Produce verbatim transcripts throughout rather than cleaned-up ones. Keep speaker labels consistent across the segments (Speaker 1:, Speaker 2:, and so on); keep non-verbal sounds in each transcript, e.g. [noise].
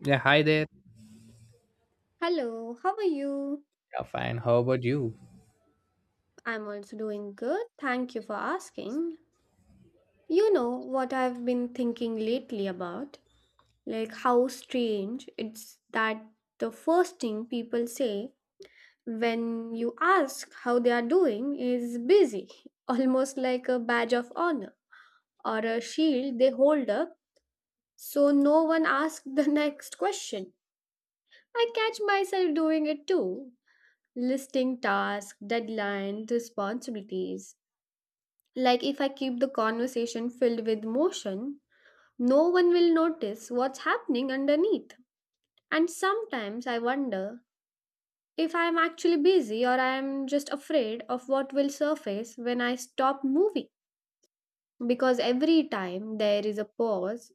Speaker 1: Yeah, hi there.
Speaker 2: Hello, how are you?
Speaker 1: Yeah, fine. How about you?
Speaker 2: I'm also doing good. Thank you for asking. You know what I've been thinking lately about? Like how strange it's that the first thing people say when you ask how they are doing is busy, [laughs] almost like a badge of honor or a shield they hold up so no one asks the [laughs] next question. I catch myself doing it too, listing tasks, deadlines, responsibilities. Like if I keep the conversation filled with motion, no one will notice what's happening underneath. And sometimes I wonder if I am actually busy or I am just afraid of what will surface when I stop moving. Because every time there is a pause,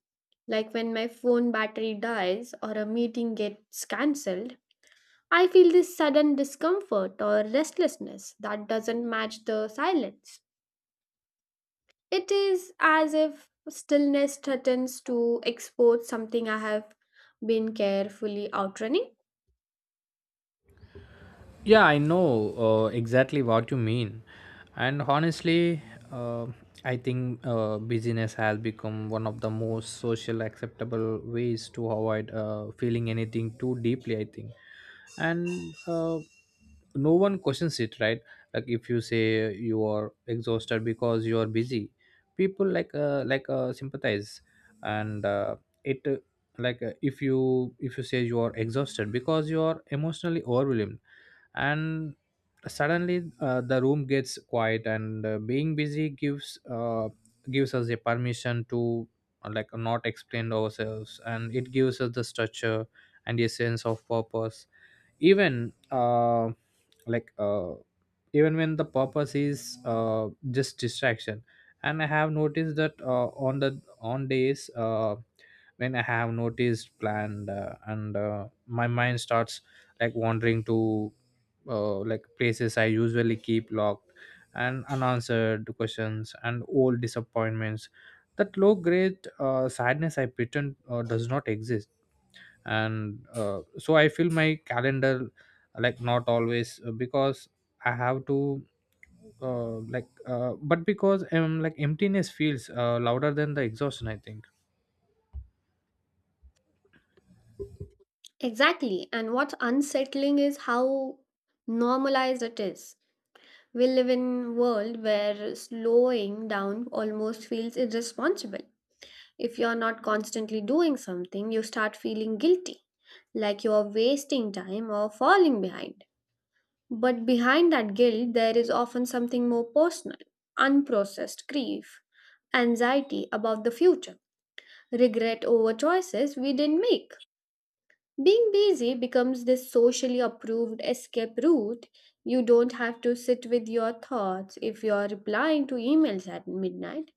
Speaker 2: like when my phone battery dies or a meeting gets cancelled, I feel this sudden discomfort or restlessness that doesn't match the silence. It is as if stillness threatens to expose something I have been carefully outrunning.
Speaker 1: Yeah, I know uh, exactly what you mean. And honestly, uh, I think uh, busyness has become one of the most social acceptable ways to avoid uh, feeling anything too deeply, I think. And uh, no one questions it, right? Like if you say you are exhausted because you are busy, people like uh, like uh, sympathize and uh, it uh, like uh, if you if you say you are exhausted because you are emotionally overwhelmed and suddenly uh, the room gets quiet and uh, being busy gives uh, gives us a permission to uh, like not explain ourselves, and it gives us the structure and a sense of purpose even uh, like uh, even when the purpose is uh, just distraction. And I have noticed that uh, on the on days uh, when I have noticed planned uh, and uh, my mind starts like wandering to uh, like places I usually keep locked, and unanswered questions and old disappointments, that low grade uh, sadness I pretend uh, does not exist. And uh, so I feel my calendar like not always uh, because I have to uh, like uh, but because um like emptiness feels uh, louder than the exhaustion, I think.
Speaker 2: Exactly. And what's unsettling is how normalized it is. We live in a world where slowing down almost feels irresponsible. If you're not constantly doing something, you start feeling guilty, like you're wasting time or falling behind. But behind that guilt, there is often something more personal, unprocessed grief, anxiety about the future, regret over choices we didn't make. Being busy becomes this socially approved escape route. You don't have to sit with your thoughts if you're replying to emails at midnight.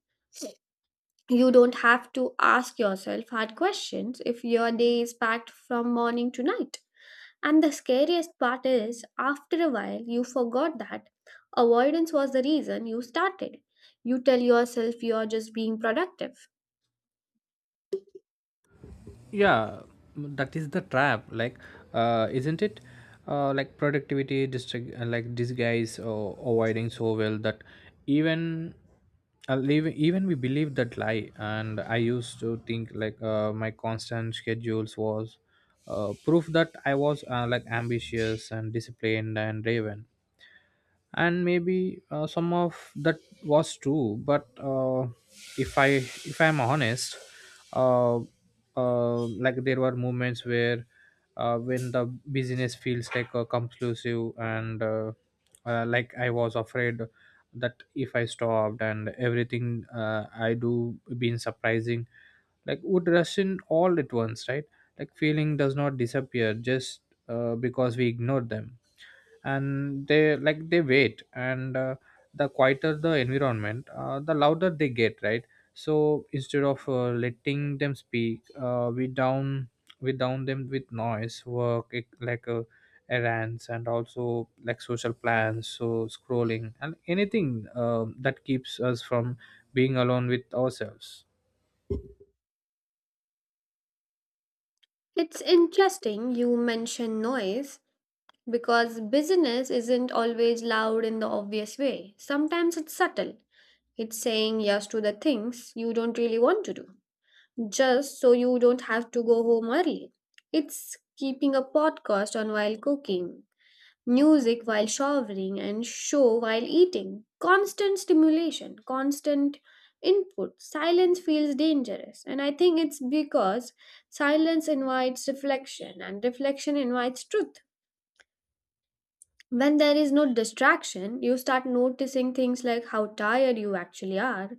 Speaker 2: You don't have to ask yourself hard questions if your day is packed from morning to night. And the scariest part is, after a while, you forgot that avoidance was the reason you started. You tell yourself you're just being productive.
Speaker 1: Yeah, that is the trap, like uh, isn't it? Uh, like productivity district uh, like disguise or avoiding so well that even uh, leave, even we believe that lie. And I used to think like uh, my constant schedules was uh, proof that I was uh, like ambitious and disciplined and driven, and maybe uh, some of that was true. But uh, if I if I'm honest, uh, uh, like there were moments where uh, when the business feels like a conclusive, and uh, uh, like I was afraid that if I stopped and everything uh, I do being surprising like would rush in all at once, right? Like feeling does not disappear just uh, because we ignore them, and they like they wait. And uh, the quieter the environment, uh, the louder they get, right? So instead of uh, letting them speak, uh, we down we down them with noise, work, ec- like uh, errands, and also like social plans, so scrolling and anything um that keeps us from being alone with ourselves.
Speaker 2: It's interesting you mention noise because business isn't always loud in the obvious way. Sometimes it's subtle. It's saying yes to the things you don't really want to do, just so you don't have to go home early. It's keeping a podcast on while cooking, music while showering, and show while eating. Constant stimulation, constant input. Silence feels dangerous. And I think it's because silence invites reflection and reflection invites truth. When there is no distraction, you start noticing things like how tired you actually are,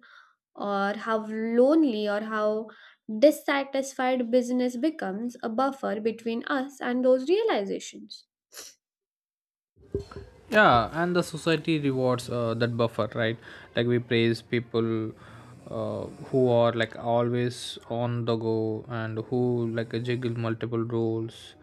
Speaker 2: or how lonely, or how dissatisfied. Business becomes a buffer between us and those realizations.
Speaker 1: Yeah, and the society rewards uh, that buffer, right? Like we praise people uh, who are like always on the go, and who like juggle multiple roles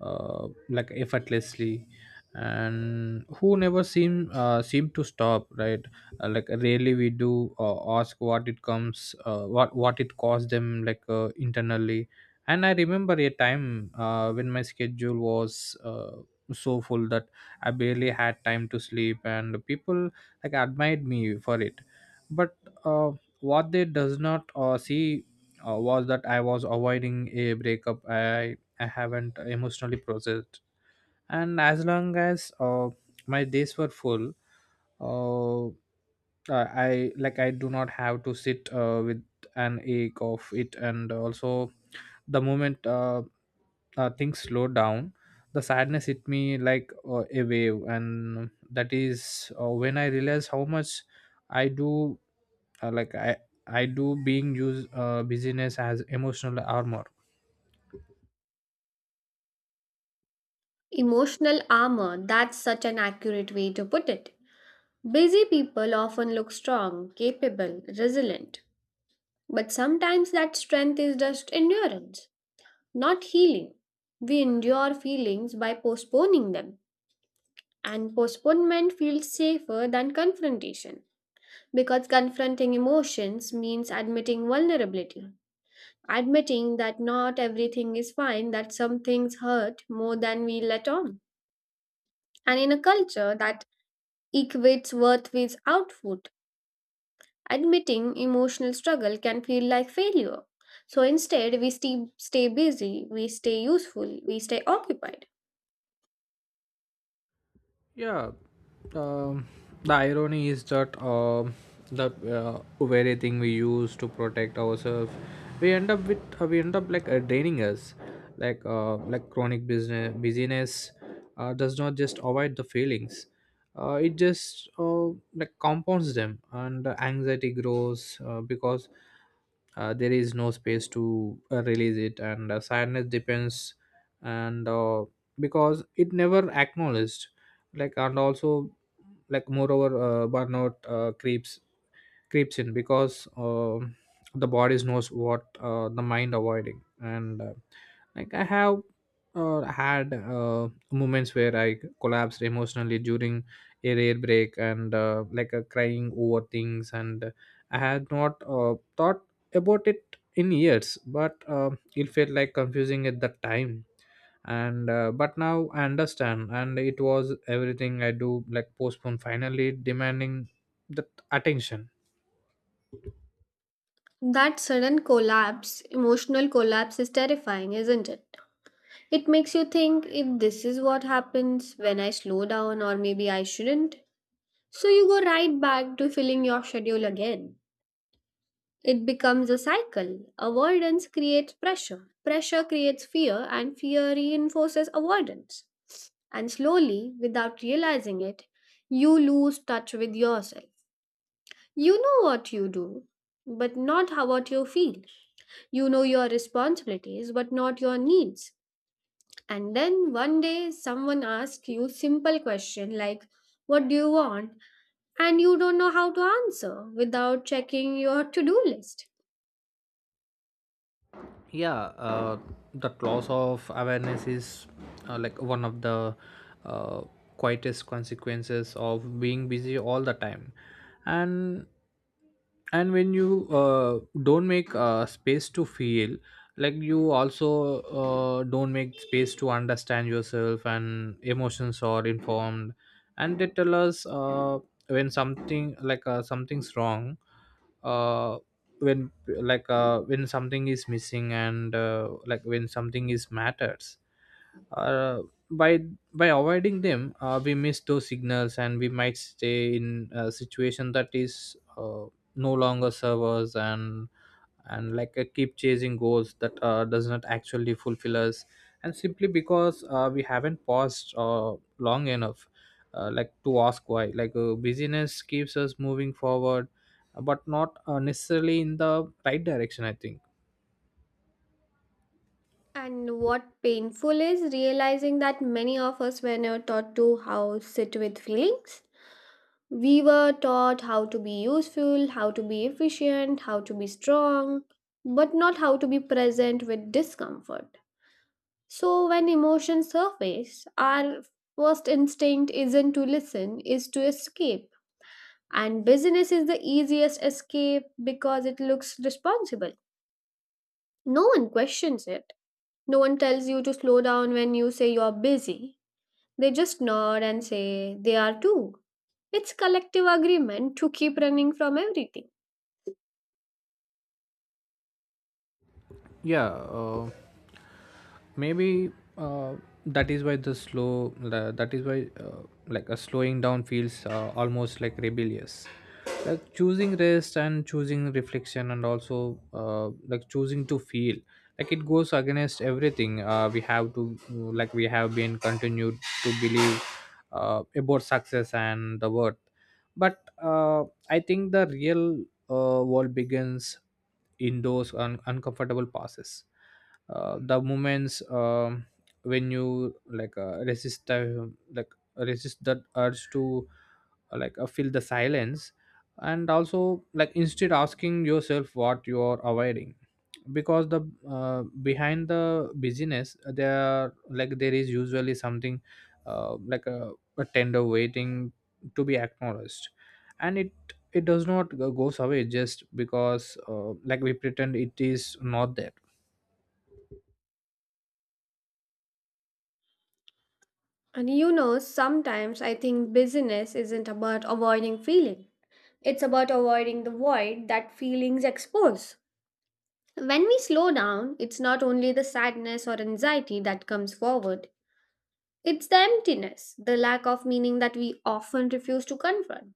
Speaker 1: uh, like effortlessly, and who never seem uh, seem to stop, right? Uh, like rarely we do uh, ask what it comes uh, what what it cost them, like uh, internally. And I remember a time uh, when my schedule was uh, so full that I barely had time to sleep, and people like admired me for it. But uh, what they does not uh, see uh, was that I was avoiding a breakup I I haven't emotionally processed, and as long as uh, my days were full, uh, I I- like I do not have to sit uh, with an ache of it. And also, the moment uh, uh, things slow down, the sadness hit me like uh, a wave, and that is uh, when I realize how much I do uh, like i I do being use uh, busyness as emotional armor.
Speaker 2: Emotional armor, that's such an accurate way to put it. Busy people often look strong, capable, resilient, but sometimes that strength is just endurance, not healing. We endure feelings by postponing them, and postponement feels safer than confrontation because confronting emotions means admitting vulnerability, admitting that not everything is fine, that some things hurt more than we let on. And in a culture that equates worth with output. Admitting emotional struggle can feel like failure. So instead, we stay, stay busy, we stay useful, we stay occupied.
Speaker 1: Yeah, um, the irony is that um the uh, very thing we use to protect ourselves, we end up with uh, we end up like uh, draining us, like uh, like chronic business busyness uh, does not just avoid the feelings, uh, it just uh, like compounds them. And the anxiety grows uh, because uh, there is no space to uh, release it, and uh, sadness depends, and uh, because it never acknowledged, like. And also like moreover, uh, burnout uh, creeps creeps in because um the body knows what uh, the mind avoiding. And uh, like I have uh, had uh, moments where I collapsed emotionally during a rare break, and uh, like uh, crying over things and I had not uh, thought about it in years. But uh, it felt like confusing at that time, and uh, but now I understand, and it was everything I do like postpone finally demanding the attention.
Speaker 2: That sudden collapse, emotional collapse, is terrifying, isn't it? It makes you think if this is what happens when I slow down, or maybe I shouldn't. So you go right back to filling your schedule again. It becomes a cycle. Avoidance creates pressure. Pressure creates fear, and fear reinforces avoidance. And slowly, without realizing it, you lose touch with yourself. You know what you do, but not how what you feel. You know your responsibilities, but not your needs. And then one day someone asks you simple question like, what do you want? And you don't know how to answer without checking your to-do list.
Speaker 1: Yeah, uh, that loss of awareness is uh, like one of the uh, quietest consequences of being busy all the time. and and when you uh, don't make uh, space to feel, like you also uh, don't make space to understand yourself. And emotions are informed, and they tell us uh, when something like uh, something's wrong, uh, when like uh, when something is missing, and uh, like when something is matters, uh, by by avoiding them, uh, we miss those signals, and we might stay in a situation that is uh, no longer servers, and and like uh, keep chasing goals that uh, does not actually fulfill us, and simply because uh, we haven't paused uh, long enough uh, like to ask why. Like uh, busyness keeps us moving forward, but not uh, necessarily in the right direction, I think.
Speaker 2: And what painful is realizing that many of us were never taught to how sit with feelings. We were taught how to be useful, how to be efficient, how to be strong, but not how to be present with discomfort. So, when emotions surface, our first instinct isn't to listen, is to escape. And business is the easiest escape because it looks responsible. No one questions it. No one tells you to slow down when you say you're busy. They just nod and say they are too. It's collective agreement to keep running from everything.
Speaker 1: Yeah, uh, maybe uh, that is why the slow the, that is why uh, like a slowing down feels uh, almost like rebellious. Like choosing rest and choosing reflection, and also uh, like choosing to feel, like it goes against everything uh, we have to like we have been continued to believe uh, about success and the worth. But uh, I think the real uh, world begins in those un- uncomfortable passes, uh, the moments um, when you like uh, resist the like resist that urge to uh, like uh, fill the silence, and also like instead asking yourself what you are avoiding, because the uh, behind the busyness there like there is usually something uh, like a, a tender waiting to be acknowledged, and it it does not go- goes away just because uh, like we pretend it is not there.
Speaker 2: And you know, sometimes I think busyness isn't about avoiding feeling. It's about avoiding the void that feelings expose. When we slow down, it's not only the sadness or anxiety that comes forward, it's the emptiness, the lack of meaning that we often refuse to confront.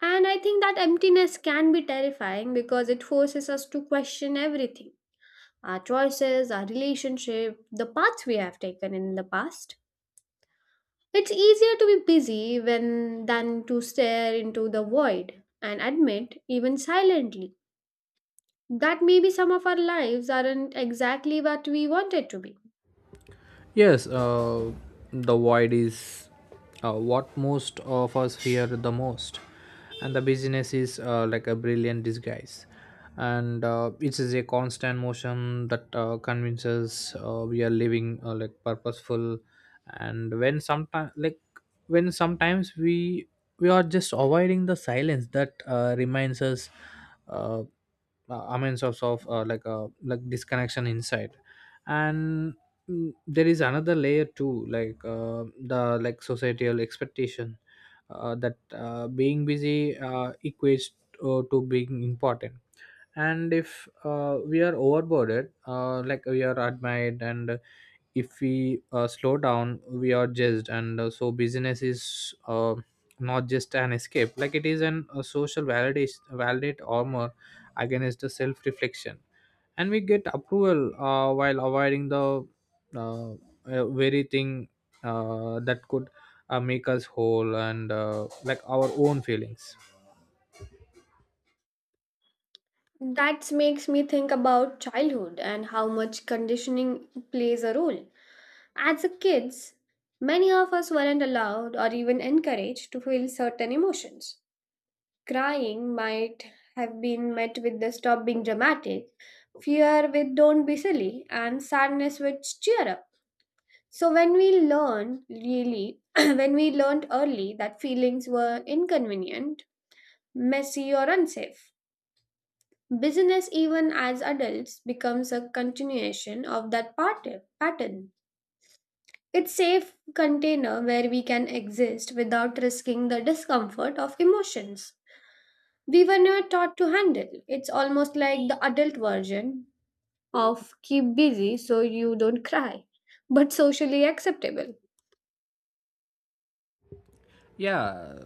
Speaker 2: And I think that emptiness can be terrifying because it forces us to question everything, our choices, our relationship, the paths we have taken in the past. It's easier to be busy when, than to stare into the void and admit, even silently, that maybe some of our lives aren't exactly what we wanted to be.
Speaker 1: Yes, uh, the void is uh, what most of us fear the most, and the business is uh, like a brilliant disguise, and uh, it is a constant motion that uh, convinces uh, we are living uh, like purposeful, and when sometimes like when sometimes we we are just avoiding the silence that uh, reminds us uh, uh, amends of, of uh, like a like disconnection inside. And Mm, there is another layer too, like uh, the like societal expectation uh, that uh, being busy uh, equates uh, to being important, and if uh, we are overboarded, uh, like we are admired, and if we uh, slow down we are judged. And uh, so business is uh, not just an escape, like it is an a social validation validate armor against the self reflection, and we get approval uh, while avoiding the uh, uh, very thing uh, that could uh, make us whole, and uh, like our own feelings.
Speaker 2: That makes me think about childhood and how much conditioning plays a role. As a kids, many of us weren't allowed or even encouraged to feel certain emotions. Crying might have been met with the stop being dramatic, fear with don't be silly, and sadness with cheer up. So when we learn really, [clears throat] when we learned early that feelings were inconvenient, messy, or unsafe, business even as adults becomes a continuation of that part- pattern. It's safe container where we can exist without risking the discomfort of emotions we were never taught to handle. It's almost like the adult version of keep busy so you don't cry, but socially acceptable.
Speaker 1: Yeah,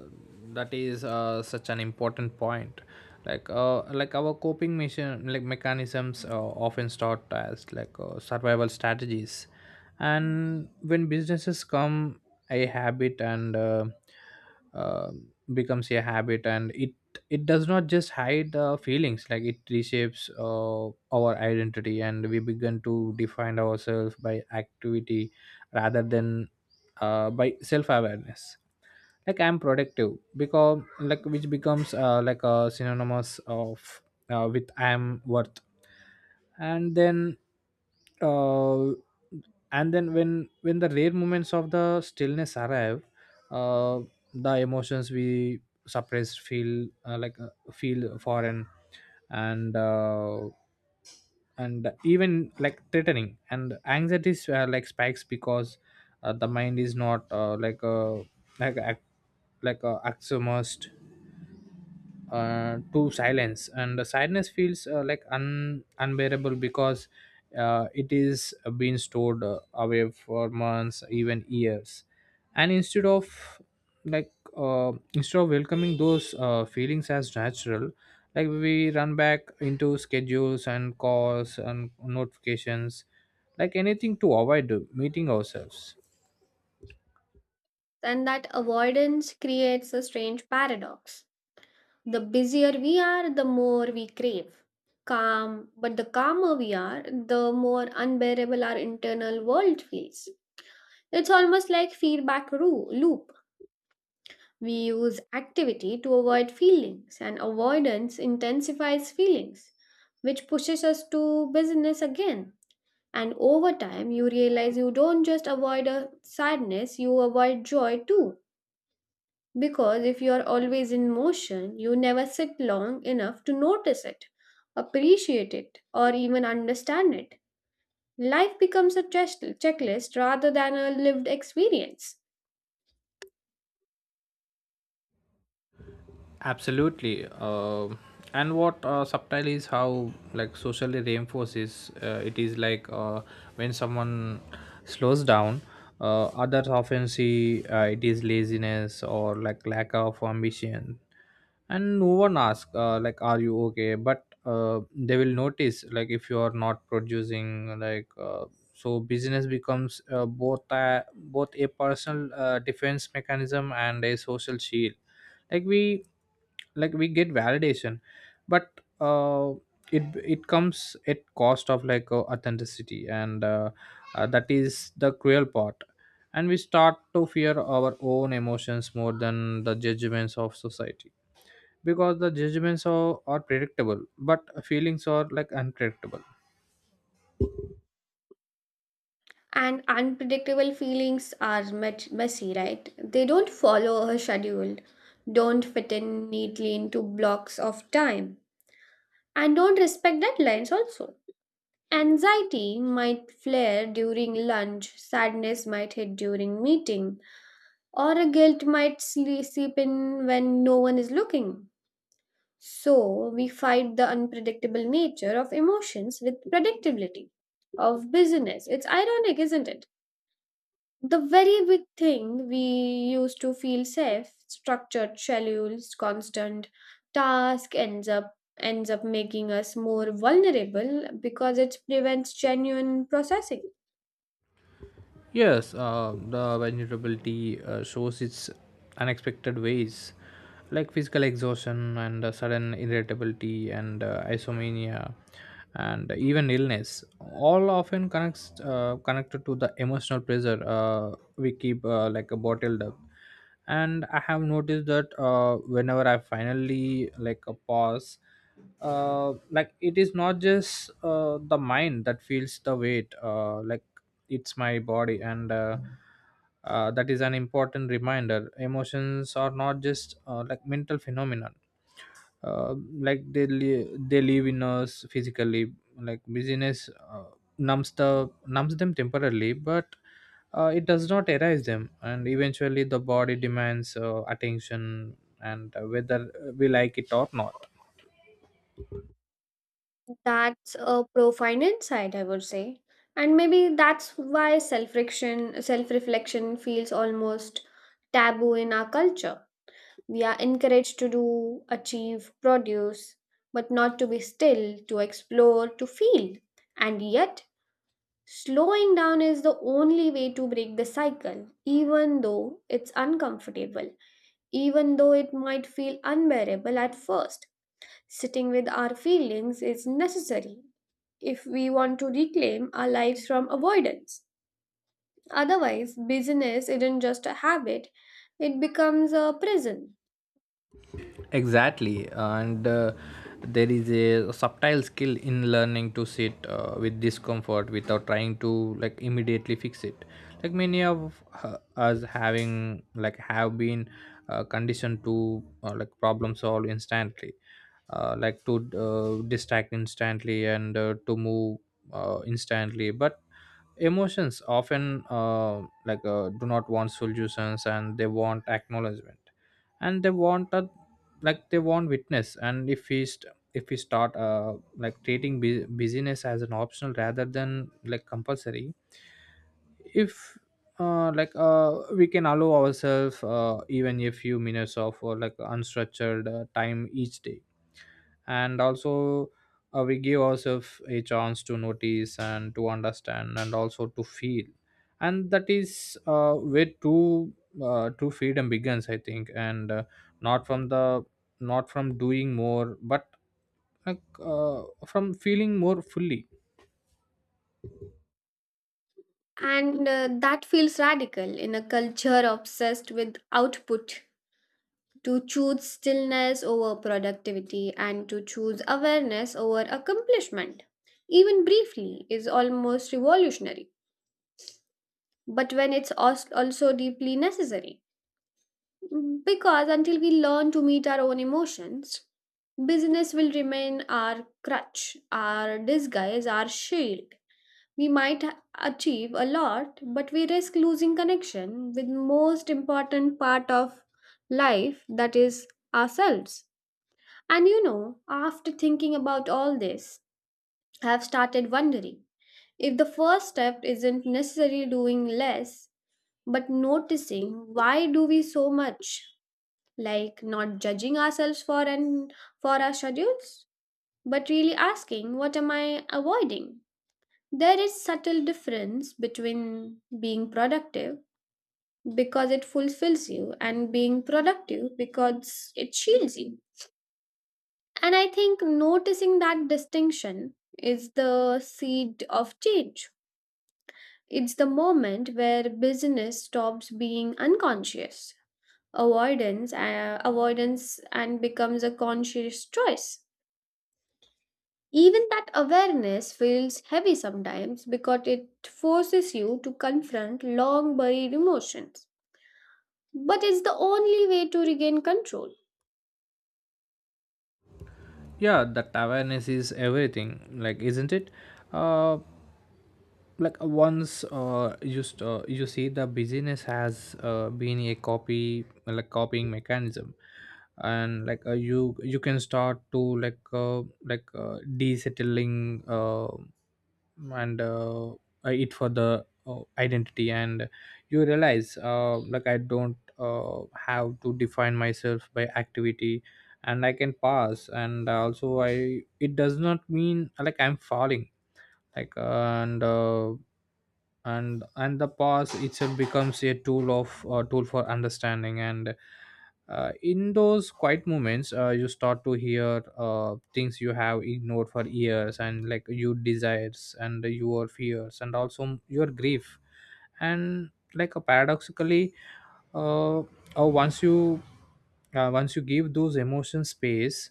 Speaker 1: that is uh, such an important point. Like uh, like our coping mission like mechanisms uh, often start as like uh, survival strategies, and when businesses come a habit and uh, uh, becomes a habit. And it it does not just hide uh, feelings, like it reshapes uh, our identity, and we begin to define ourselves by activity rather than uh, by self-awareness. Like I'm productive because like which becomes uh, like a synonymous of uh, with I'm worth. And then uh, and then when when the rare moments of the stillness arrive, uh, the emotions we suppress feel uh, like uh, feel foreign, and uh, and even like threatening. And anxiety s- uh, like spikes because uh, the mind is not uh, like a like a, like a axiomised uh, to silence, and the silence feels uh, like un- unbearable because uh, it is being stored uh, away for months, even years. And instead of like uh, instead of welcoming those uh, feelings as natural, like we run back into schedules and calls and notifications, like anything to avoid meeting ourselves.
Speaker 2: And that avoidance creates a strange paradox. The busier we are, the more we crave calm, but the calmer we are, the more unbearable our internal world feels. It's almost like feedback ru- loop. We use activity to avoid feelings, and avoidance intensifies feelings, which pushes us to business again. And over time, you realize you don't just avoid a sadness, you avoid joy too. Because if you are always in motion, you never sit long enough to notice it, appreciate it, or even understand it. Life becomes a check- checklist rather than a lived experience.
Speaker 1: Absolutely. Um and what uh, subtle is how like socially reinforces uh, it is, like uh, when someone slows down, uh, others often see uh, it is laziness or like lack of ambition, and no one asks uh, like are you okay? But uh, they will notice like if you are not producing, like uh, so business becomes uh, both a, both a personal uh, defense mechanism and a social shield. Like we like we get validation, but uh, it it comes at cost of like uh, authenticity, and uh, uh, that is the cruel part, and we start to fear our own emotions more than the judgments of society, because the judgments are, are predictable, but feelings are like unpredictable.
Speaker 2: And unpredictable feelings are met messy, right? They don't follow a schedule, don't fit in neatly into blocks of time, and don't respect deadlines also. Anxiety might flare during lunch, sadness might hit during meeting, or a guilt might sle- seep in when no one is looking. So, we fight the unpredictable nature of emotions with predictability of business. It's ironic, isn't it? The very big thing we used to feel safe, structured schedules, constant task, ends up ends up making us more vulnerable because it prevents genuine processing.
Speaker 1: Yes, uh, the vulnerability uh, shows its unexpected ways, like physical exhaustion and uh, sudden irritability and uh, isomania, and even illness. All often connects uh, connected to the emotional pressure uh, we keep uh, like uh, bottled up and i have noticed that uh, whenever i finally like a pause, uh, like it is not just uh, the mind that feels the weight, uh, like it's my body and uh, uh, that is an important reminder. Emotions are not just uh, like mental phenomenon. uh, like they li- they live in us physically. Like busyness uh, numbs the numbs them temporarily, but uh, it does not erase them, and eventually the body demands uh, attention and uh, whether we like it or not.
Speaker 2: That's a profound insight, I would say. And maybe that's why self-reflection self-reflection feels almost taboo in our culture. We are encouraged to do, achieve, produce, but not to be still, to explore, to feel. And yet, slowing down is the only way to break the cycle, even though it's uncomfortable, even though it might feel unbearable at first. Sitting with our feelings is necessary if we want to reclaim our lives from avoidance. Otherwise, busyness isn't just a habit, it becomes a prison.
Speaker 1: Exactly, and uh, there is a subtle skill in learning to sit uh, with discomfort without trying to like immediately fix it. Like many of uh, us having like have been uh, conditioned to uh, like problem solve instantly, uh, like to uh, distract instantly and uh, to move uh, instantly, but emotions often uh, like uh, do not want solutions, and they want acknowledgement, and they want a like they want witness. And if we st- if we start uh like treating bu- busyness as an optional rather than like compulsory, if uh, like uh, we can allow ourselves uh, even a few minutes of uh, like unstructured uh, time each day, and also uh, we give ourselves a chance to notice and to understand and also to feel. And that is uh, where true uh, true freedom begins, i think, and uh, not from the not from doing more but like uh, from feeling more fully.
Speaker 2: And uh, that feels radical in a culture obsessed with output, to choose stillness over productivity and to choose awareness over accomplishment, even briefly, is almost revolutionary, but when it's als- also deeply necessary. Because until we learn to meet our own emotions, business will remain our crutch, our disguise, our shield. We might achieve a lot, but we risk losing connection with most important part of life, that is ourselves. And you know, after thinking about all this, I have started wondering if the first step isn't necessarily doing less, but noticing why do we so much, like not judging ourselves for and for our schedules, but really asking what am I avoiding? There is subtle difference between being productive because it fulfills you and being productive because it shields you. And I think noticing that distinction is the seed of change. It's the moment where business stops being unconscious avoidance uh, avoidance and becomes a conscious choice. Even that awareness feels heavy sometimes because it forces you to confront long buried emotions. But it's the only way to regain control.
Speaker 1: Yeah, that awareness is everything, like, isn't it? Uh like uh, once uh just uh, You see the business has uh, been a copy like copying mechanism, and like uh, you you can start to like uh, like uh, desettling uh, and uh, it for the uh, identity. And you realize uh, like i don't uh, have to define myself by activity, and i can pass, and also i it does not mean like i'm falling. like uh, and uh, and and the past itself becomes a tool of uh, tool for understanding. And uh, in those quiet moments uh, you start to hear uh, things you have ignored for years, and like your desires and your fears and also your grief. And like uh, paradoxically, uh, uh, once you uh, once you give those emotions space,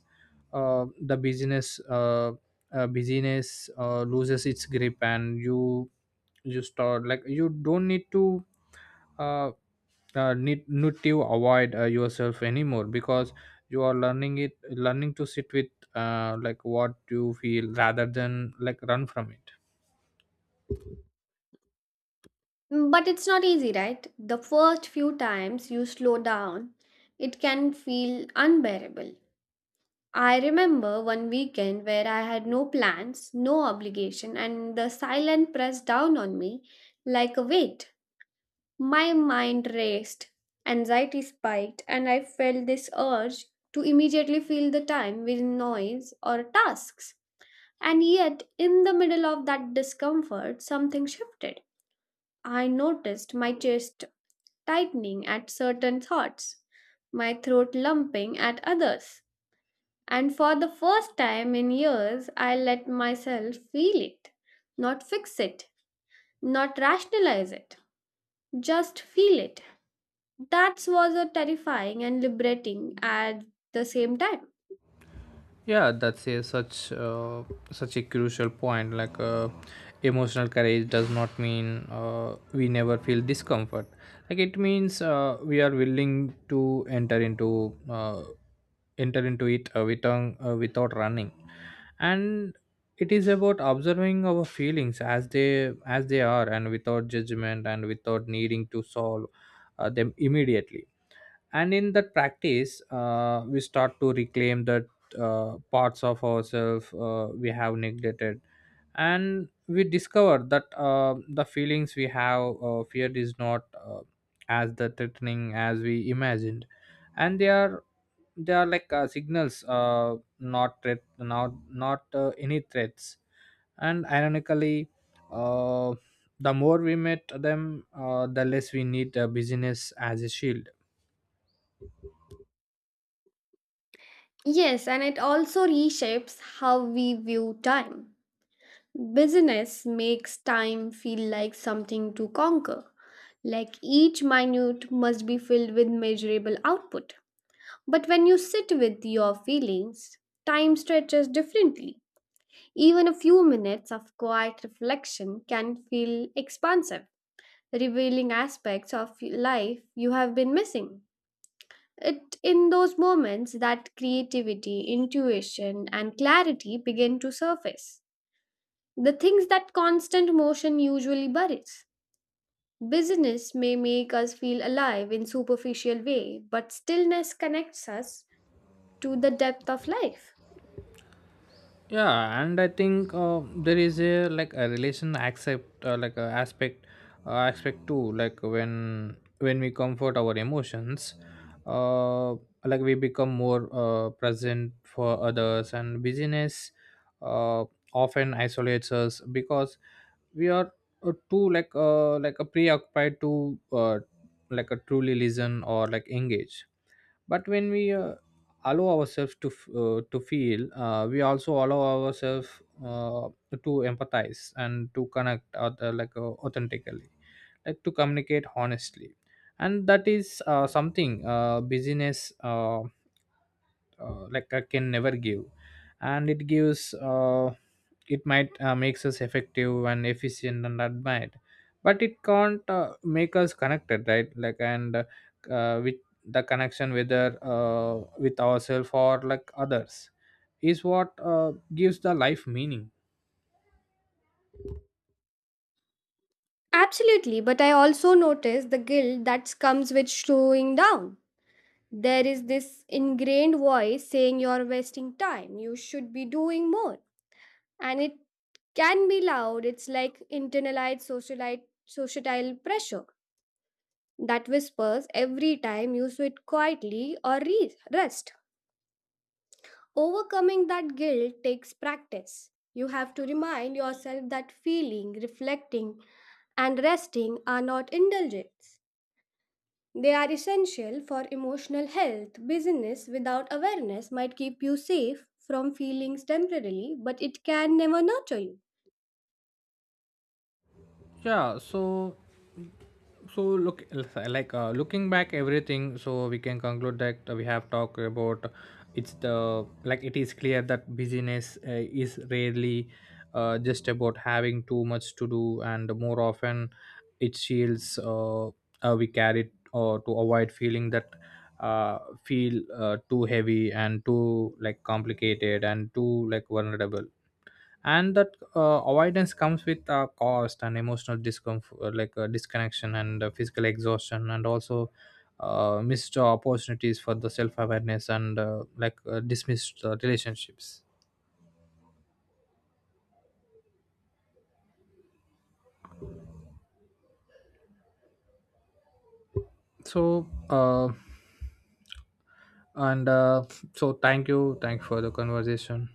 Speaker 1: uh, the business uh, uh, busyness uh, loses its grip, and you you start, like, you don't need to uh, uh need, need to avoid uh, yourself anymore, because you are learning it learning to sit with uh like what you feel rather than like run from it.
Speaker 2: Mm, but it's not easy, right? The first few times you slow down, it can feel unbearable. I remember one weekend where I had no plans, no obligation, and the silence pressed down on me like a weight. My mind raced, anxiety spiked, and I felt this urge to immediately fill the time with noise or tasks. And yet, in the middle of that discomfort, something shifted. I noticed my chest tightening at certain thoughts, my throat lumping at others. And for the first time in years, I let myself feel it, not fix it, not rationalize it, just feel it. That was a terrifying and liberating at the same time.
Speaker 1: Yeah, that's a such uh, such a crucial point. Like uh, emotional courage does not mean uh, we never feel discomfort. Like it means uh, we are willing to enter into uh, enter into it uh, without, uh, uh, without running. And it is about observing our feelings as they as they are, and without judgment and without needing to solve uh, them immediately. And in that practice uh, we start to reclaim that uh, parts of ourselves uh, we have neglected. And we discover that uh, the feelings we have uh, feared is not uh, as the threatening as we imagined. And they are they are like uh, signals, uh, not threat, not not uh, any threats. And ironically, uh, the more we met them, uh, the less we need uh, busyness as a shield.
Speaker 2: Yes, and it also reshapes how we view time. Business makes time feel like something to conquer, like each minute must be filled with measurable output. But when you sit with your feelings, time stretches differently. Even a few minutes of quiet reflection can feel expansive, revealing aspects of life you have been missing. It in those moments that creativity, intuition, and clarity begin to surface. The things that constant motion usually buries. Busyness may make us feel alive in superficial way, but stillness connects us to the depth of life.
Speaker 1: Yeah, and i think uh, there is a like a relation accept uh, like a aspect uh, aspect too. Like when when we comfort our emotions, uh, like we become more uh, present for others, and busyness uh, often isolates us because we are uh, too like uh, like a preoccupied to uh, like a truly listen or like engage. But when we uh, allow ourselves to f- uh, to feel, uh, we also allow ourselves uh, to empathize and to connect other like uh, authentically, like to communicate honestly. And that is uh, something uh, business uh, uh, like I can never give. And it gives uh, it might uh, makes us effective and efficient and admired, but it can't uh, make us connected, right? like and uh, which The connection, whether uh, with ourselves or like others, is what uh, gives the life meaning.
Speaker 2: Absolutely, but I also notice the guilt that comes with slowing down. There is this ingrained voice saying you're wasting time, you should be doing more. And it can be loud, it's like internalized socialite, societal pressure that whispers every time you sit quietly or re- rest. Overcoming that guilt takes practice. You have to remind yourself that feeling, reflecting, and resting are not indulgences. They are essential for emotional health. Business without awareness might keep you safe from feelings temporarily, but it can never nurture you.
Speaker 1: Yeah, so so look, like uh, looking back everything, so we can conclude that we have talked about, it's the like it is clear that busyness uh, is rarely uh, just about having too much to do, and more often it shields uh, uh, we carry or to avoid feeling that uh, feel uh, too heavy and too like complicated and too like vulnerable. And that uh, avoidance comes with a cost, and emotional discomfort like uh, disconnection and uh, physical exhaustion and also uh, missed opportunities for the self-awareness and uh, like uh, dismissed uh, relationships. So uh, and uh, so thank you thank you for the conversation.